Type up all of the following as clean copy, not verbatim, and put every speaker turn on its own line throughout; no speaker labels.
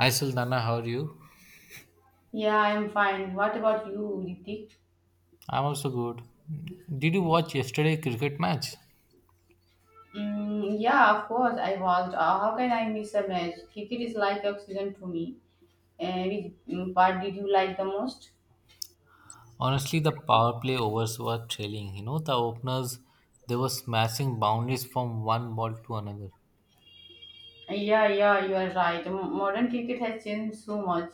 Hi Suldana, how are you?
Yeah, I'm fine. What about you, Ritik?
I'm also good. Did you watch yesterday cricket match?
Yeah, of course, I watched. How can I miss a match? Cricket is like oxygen to me. Which part did you like the most?
Honestly, the power play overs were trailing. You know, the openers they were smashing boundaries from one ball to another.
Yeah, yeah, you are right. Modern cricket has changed so much.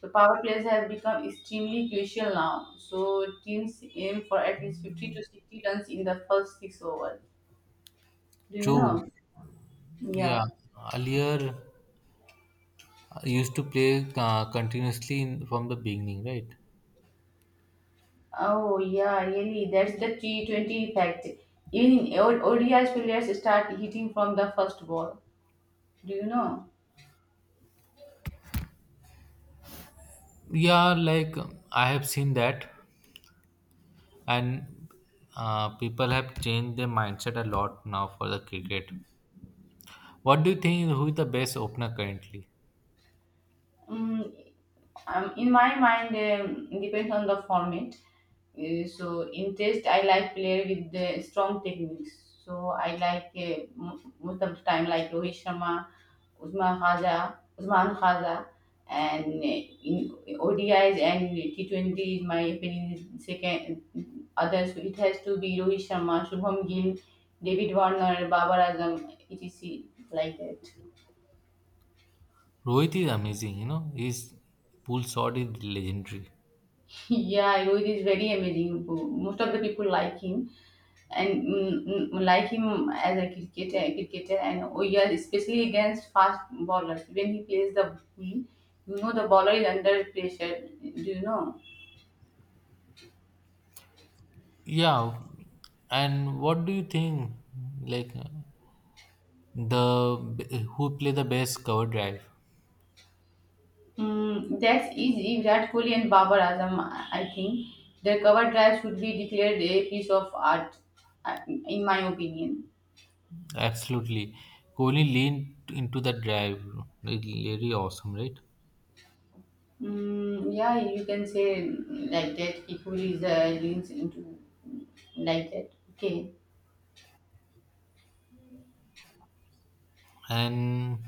The power plays have become extremely crucial now. So teams aim for at least 50 to 60 runs in the first six overs. Do you
True.
know?
Yeah.
Yeah.
Earlier, I used to play continuously in, from the beginning, right?
Oh yeah, really. That's the T20 effect. Even in ODI players start hitting from the first ball. Do you know?
Yeah, like I have seen that, and people have changed their mindset a lot now for the cricket. What do you think? Who is the best opener currently?
Mm, in my mind, depends on the format. So in test, I like player with the strong techniques. So I like most of the time like Rohit Sharma, Usman Khaza, Usman Khaza, and in ODIs and T20s, my opinion is second. Others, so it has to be Rohit Sharma, Shubham Gill, David Warner, Babar Azam, etc. Like that.
Rohit is amazing, you know. His pull shot is legendary.
Yeah, Rohit is very amazing. Most of the people like him and like him as a cricketer, and oh yeah, especially against fast bowlers. When he plays the ball, you know the bowler is under pressure. Do you know?
Yeah, and what do you think? Like the who play the best cover drive?
That's easy. Virat Kohli and Babar Azam, I think. Their cover drive should be declared a piece of art, in my opinion.
Absolutely, Kohli leaned into the drive. Like, really awesome, right?
Yeah, you can say like that. Equally, the links into like that. Okay.
And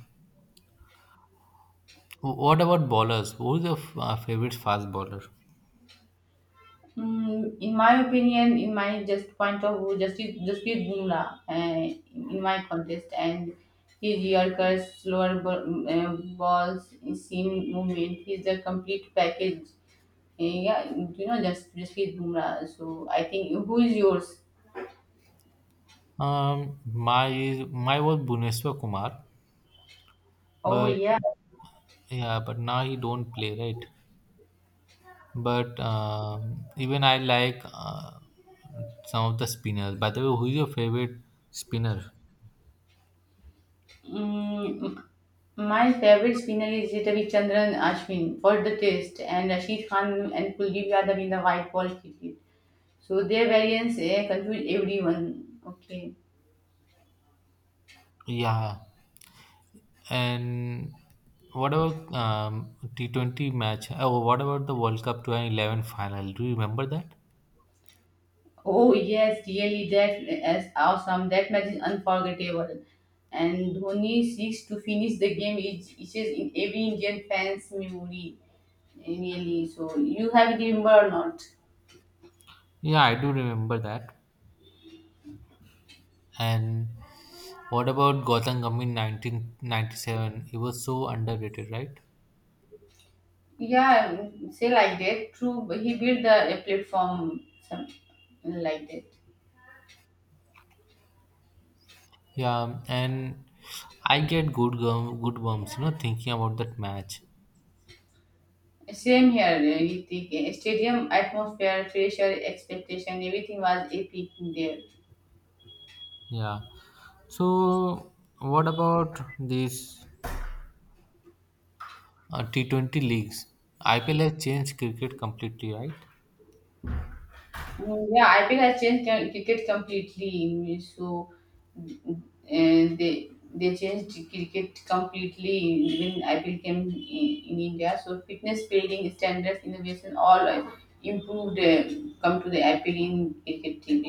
what about bowlers? Who is your favorite fast bowler?
In my opinion, in my just point of view, Justice Jasprit Bumrah in my contest, and his yorkers, slower balls, seam movement, he's a complete package. Yeah, you know, just Jasprit Bumrah. So I think who is yours?
My was Bhuvneshwar Kumar,
Oh
but
yeah.
yeah, but now he don't play, right? But even I like some of the spinners. By the way, who is your favorite spinner?
mm, my favorite spinner is Chandran Ashwin for the test, and Rashid Khan and Kuldeep Yadav in the white ball cricket. So their variants confuse everyone. Okay.
Yeah, and what about T20 match? Oh, what about the World Cup 2011 final? Do you remember that?
Oh yes, really that is awesome. That match is unforgettable. And Dhoni seeks to finish the game. It is in every Indian fan's memory. Really. So you have it remember or not?
Yeah, I do remember that. And what about Gautam Gambhir 1997? He was so underrated, right?
Yeah, say like that. True, but he built the a platform some like that.
Yeah, and I get goosebumps, you know, thinking about that match.
Same here. With the stadium atmosphere, pressure, expectation, everything was epic there.
Yeah. So, what about these T20 leagues? IPL has changed cricket completely, right?
Yeah, IPL has changed cricket completely. So, mm, and they changed cricket completely when IPL came in India. So fitness building standards, innovation, all improved. Come to the IPL in cricket team.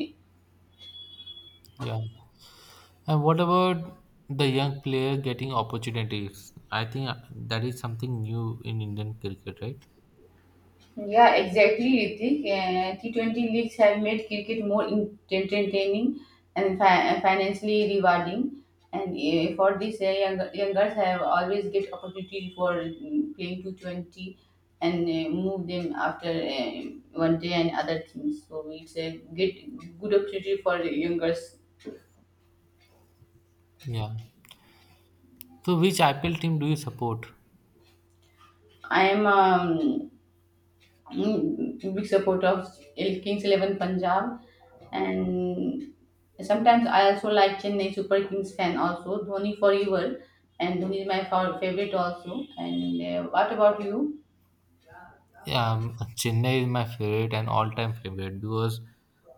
Yeah. And what about the young player getting opportunities? I think that is something new in Indian cricket, right?
Yeah, exactly, Ritik. T20 leagues have made cricket more entertaining and financially rewarding. And for this, younger, youngers have always get opportunity for playing T20 and move them after one day and other things. So it's a get good opportunity for youngers.
Yeah. So, which IPL team do you support?
I am big supporter of Kings Eleven Punjab, and sometimes I also like Chennai Super Kings fan also. Dhoni forever, and Dhoni is my favorite also. And what about you?
Chennai is my favorite and all-time favorite because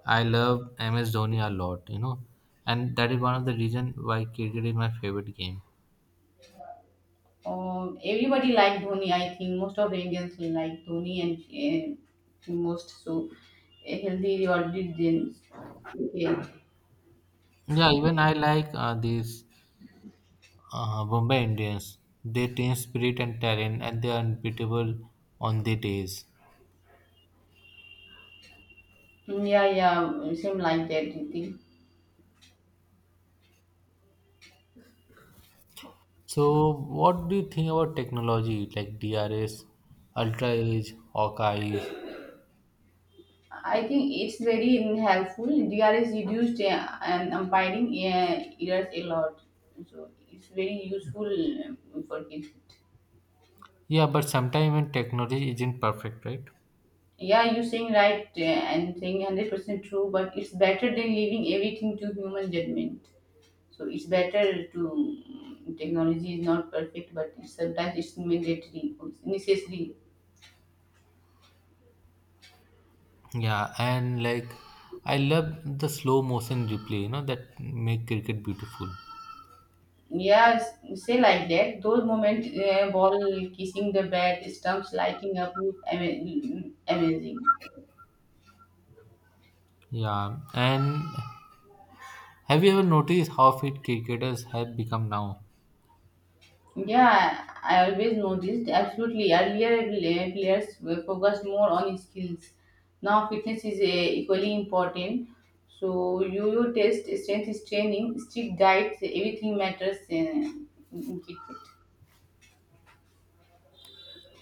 I love MS Dhoni a lot, you know, and that is one of the reason why cricket is my favorite game.
Everybody like Dhoni. I think most of the Indians will like Dhoni and most so healthy or did. Okay.
Yeah, even I like these Bombay Indians. They team spirit and talent, and they are unbeatable on their days.
Yeah, yeah, same like that, I think.
So, what do you think about technology like DRS, Ultra Edge, Hawkeye?
I think it's very helpful. DR is reduced and umpiring errors a lot, so it's very useful um, for kids.
Yeah, but sometimes even technology isn't perfect, right?
Yeah, you're saying right, and saying 100% true, but it's better than leaving everything to human judgment. So it's better to technology is not perfect, but it's sometimes it's mandatory, it's necessary.
Yeah, and like I love the slow motion replay, you know, that make cricket beautiful.
Yeah, say like that. Those moments, ball kissing the bat, stumps lighting up, amazing.
Yeah, and have you ever noticed how fit cricketers have become now?
Yeah, I always noticed. Absolutely. Earlier, players were focused more on skills. Now, fitness is equally important. So, you test, strength is training, strict diet, everything matters in keep fit.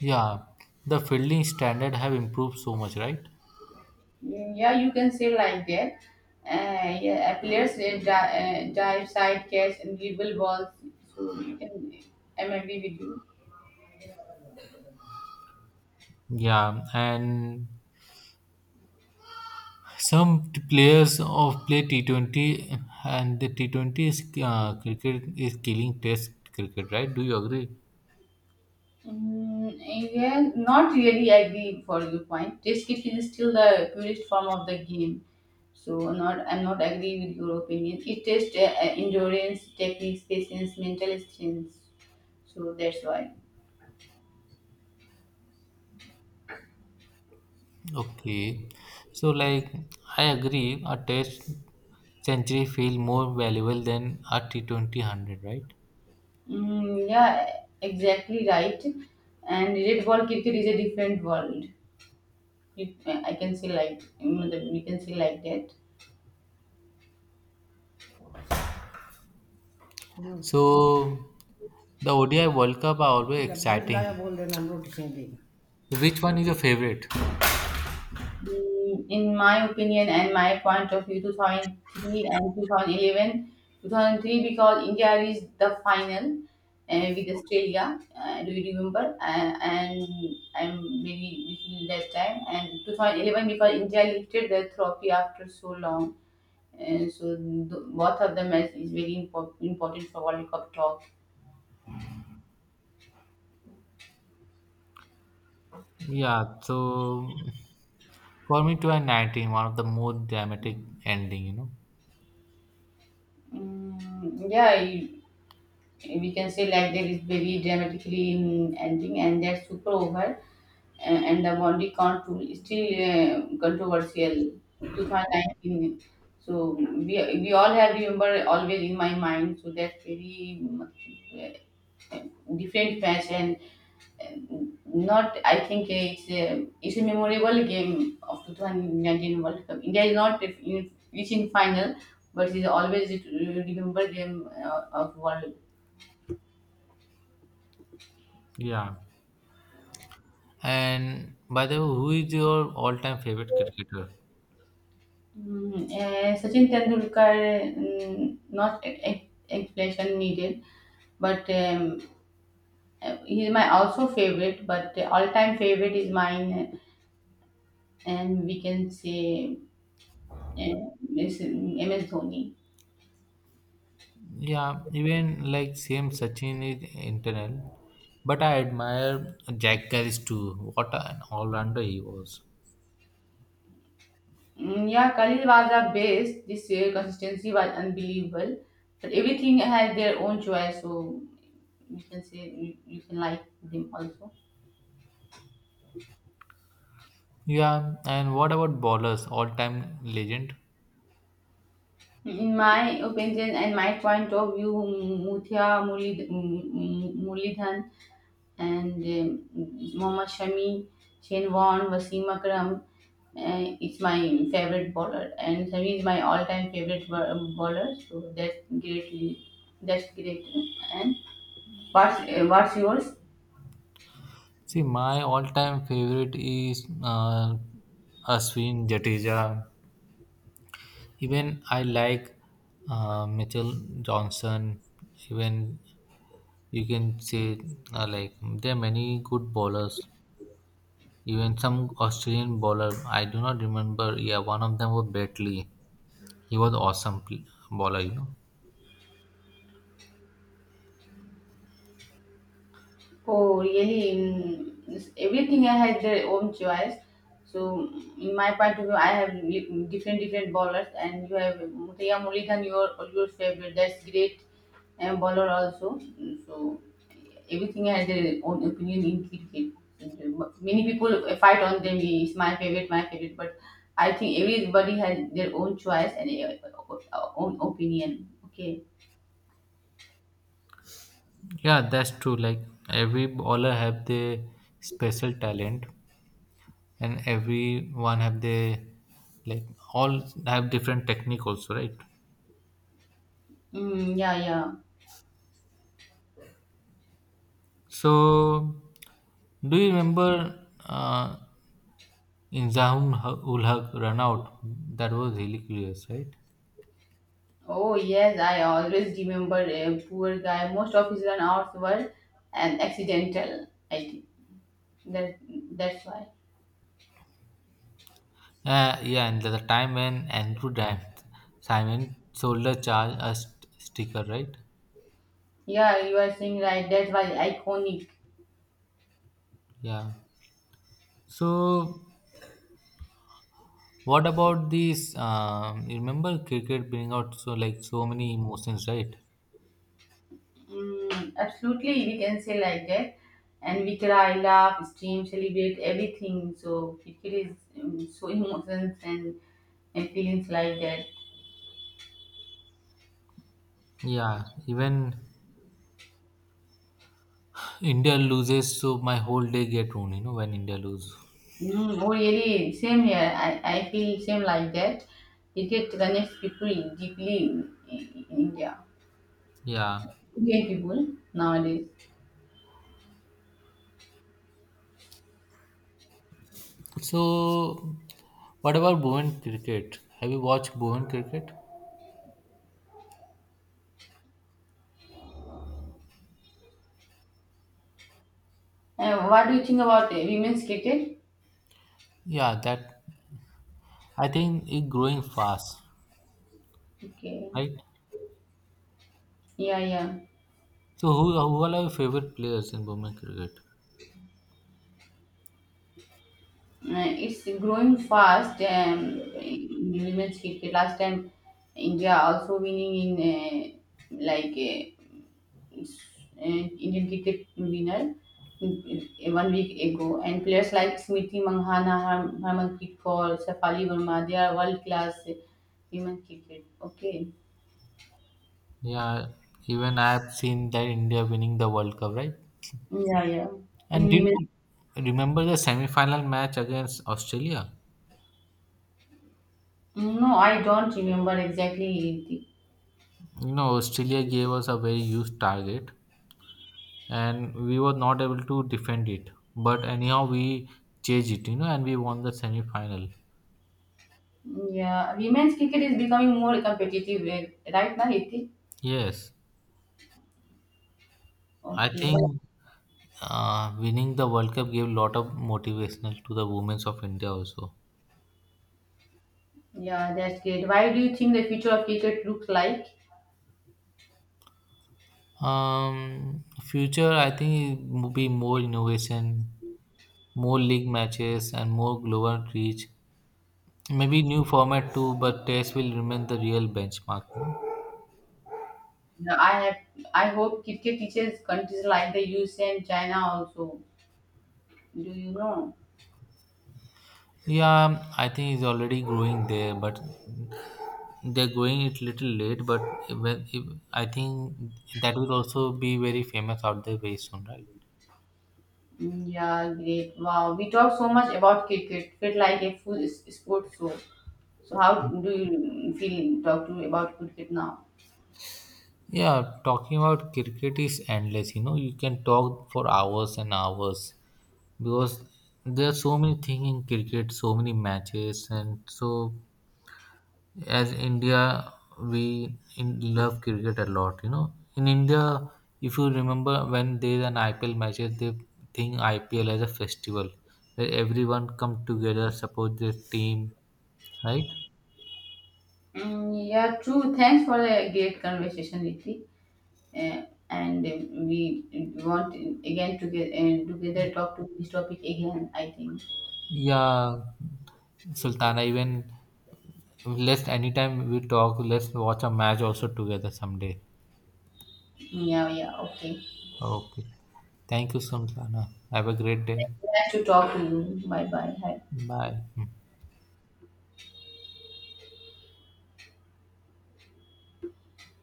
Yeah, the fielding standard have improved so much, right?
Yeah, you can say like that. Yeah, players dive, side catch, and dribble balls. So, you can, I'm agree with you.
Yeah, and some players of play T20 and the T20 is cricket is killing test cricket, right? Do you agree?
Mm, yeah, not really agree for your point. Test kit is still the purest form of the game. So not I'm not agree with your opinion. It tests endurance, techniques, patience, mental strength. So that's why.
Okay, so like I agree, a test century feel more valuable than a T20 hundred, right?
Yeah, exactly right. And red ball cricket is a different world. I can say like we can say like that.
So the ODI World Cup are always exciting. Which one is your favorite?
In my opinion and my point of view, 2003 and 2011. 2003 because India reached the final with Australia, do you remember? And I'm very little that time, and 2011 because India lifted the trophy after so long, and so both of them is very important for World Cup talk.
Yeah, so for me, 2019, one of the most dramatic ending, you know.
Yeah, we can say like that is very dramatically ending, and that's super over. And the Monty Count tool is still controversial. 2019. So we all have remember always in my mind. So that's very uh, different match, and not, I think it's a memorable game of 2019 World Cup. India is not reaching final, but it's always a remember game of World.
Yeah. And by the way, who is your all-time favorite cricketer?
Sachin Tendulkar, not explanation needed. But he's my also favorite, but all-time favorite is mine, and we can say MS Dhoni.
Yeah, even like same Sachin is internal, but I admire Jack Grealish too. What an all-rounder he was.
Yeah, Khalil was the best this year, consistency was unbelievable, but everything had their own choice, so you can say you can like them also.
Yeah, and what about bowlers? All-time legend.
In my opinion and my point of view, Muthia Murlidhan, and Mohammad Shami, Shane Warne, Wasim Akram. It's my favorite bowler, and Shami is my all-time favorite bowler. So that's greatly, that's great. And what's yours?
See, my all-time favorite is Ashwin Jadeja. Even I like Mitchell Johnson. Even you can say like there are many good bowlers. Even some Australian bowler, I do not remember. Yeah, one of them was Batley. He was awesome bowler. You know.
Oh, really? Everything I had their own choice. So, in my point of view, I have different different bowlers, and you have Muthiah Muridhan, your favorite. That's great, and bowler also. So, everything has their own opinion in cricket. And, many people fight on them. It's my favorite, my favorite. But I think everybody has their own choice and own opinion. Okay.
Yeah, that's true. Like every bowler have their special talent, and everyone have their like all have different technique also, right?
Yeah, yeah.
So, do you remember In Zahum would have run out. That was really curious, right?
Oh yes, I always remember a poor guy. Most of his run-outs were an accidental, I think. that that's why.
Yeah, and the time when Andrew Dimes, Simon Solder charged a sticker, right?
Yeah, you are saying right. That's why iconic.
Yeah. So, what about this? You remember cricket bring out so like so many emotions, right?
Absolutely, we can say like that. And we cry, laugh, stream, celebrate everything. So cricket is so emotions and feelings like that.
Yeah, even India loses, so my whole day get ruined. You know when India lose.
Oh really, same here. I feel same like that. Cricket connects people deeply in India.
Yeah.
Indian people nowadays.
So, what about Bhuvan cricket? Have you watched Bhuvan cricket?
What do you think about women's cricket?
Yeah, that I think it's growing fast,
Okay.
right?
Yeah, yeah.
So who are your favorite players in women cricket?
It's growing fast. In women's cricket. Last time, India also winning in like uh, s- Indian cricket winner 1 week ago, and players like Smriti Manghana, Harmanpreet Kaur, Safali Verma, they are world class women cricket. Okay.
Yeah, even I have seen that India winning the World Cup, right?
Yeah, yeah. In
And did
women.
you remember the semi-final match against Australia?
No, I don't remember exactly, Iti.
You know, Australia gave us a very huge target, and we were not able to defend it. But anyhow, we chased it, you know, and we won the semi-final.
Yeah, women's cricket is becoming more competitive, right now, Iti?
Yes, I
Okay, well,
think winning the World Cup gave a lot of motivational to the women of India also.
yeah, that's great. Why do you think the future of cricket looks like?
Future, I think it will be more innovation, more league matches, and more global reach. Maybe new format too, but Test will remain the real benchmark.
Yeah, I hope cricket teaches countries like the USA and China also. Do you know?
Yeah, I think it's already growing there, but they're going it little late. But when if, I think that will also be very famous out there very soon, right?
Yeah, great. Wow, we talk so much about cricket. Feel like a full sport show. So, how do you feel talk to about cricket now?
Yeah, talking about cricket is endless. You know, you can talk for hours and hours because there are so many things in cricket, so many matches, and so as India, we in love cricket a lot. You know, in India, if you remember when there is an IPL matches, they think IPL as a festival where everyone come together, support their team, right?
Yeah, true. Thanks for the great conversation, Iti. uh, and we want again to get and together talk to this topic again, I think.
Yeah, Sultana, even let's anytime we talk, let's watch a match also together someday.
Yeah, yeah, okay.
Okay. Thank you, Sultana. Have a great day.
Nice to talk to you. Bye, bye.
Bye.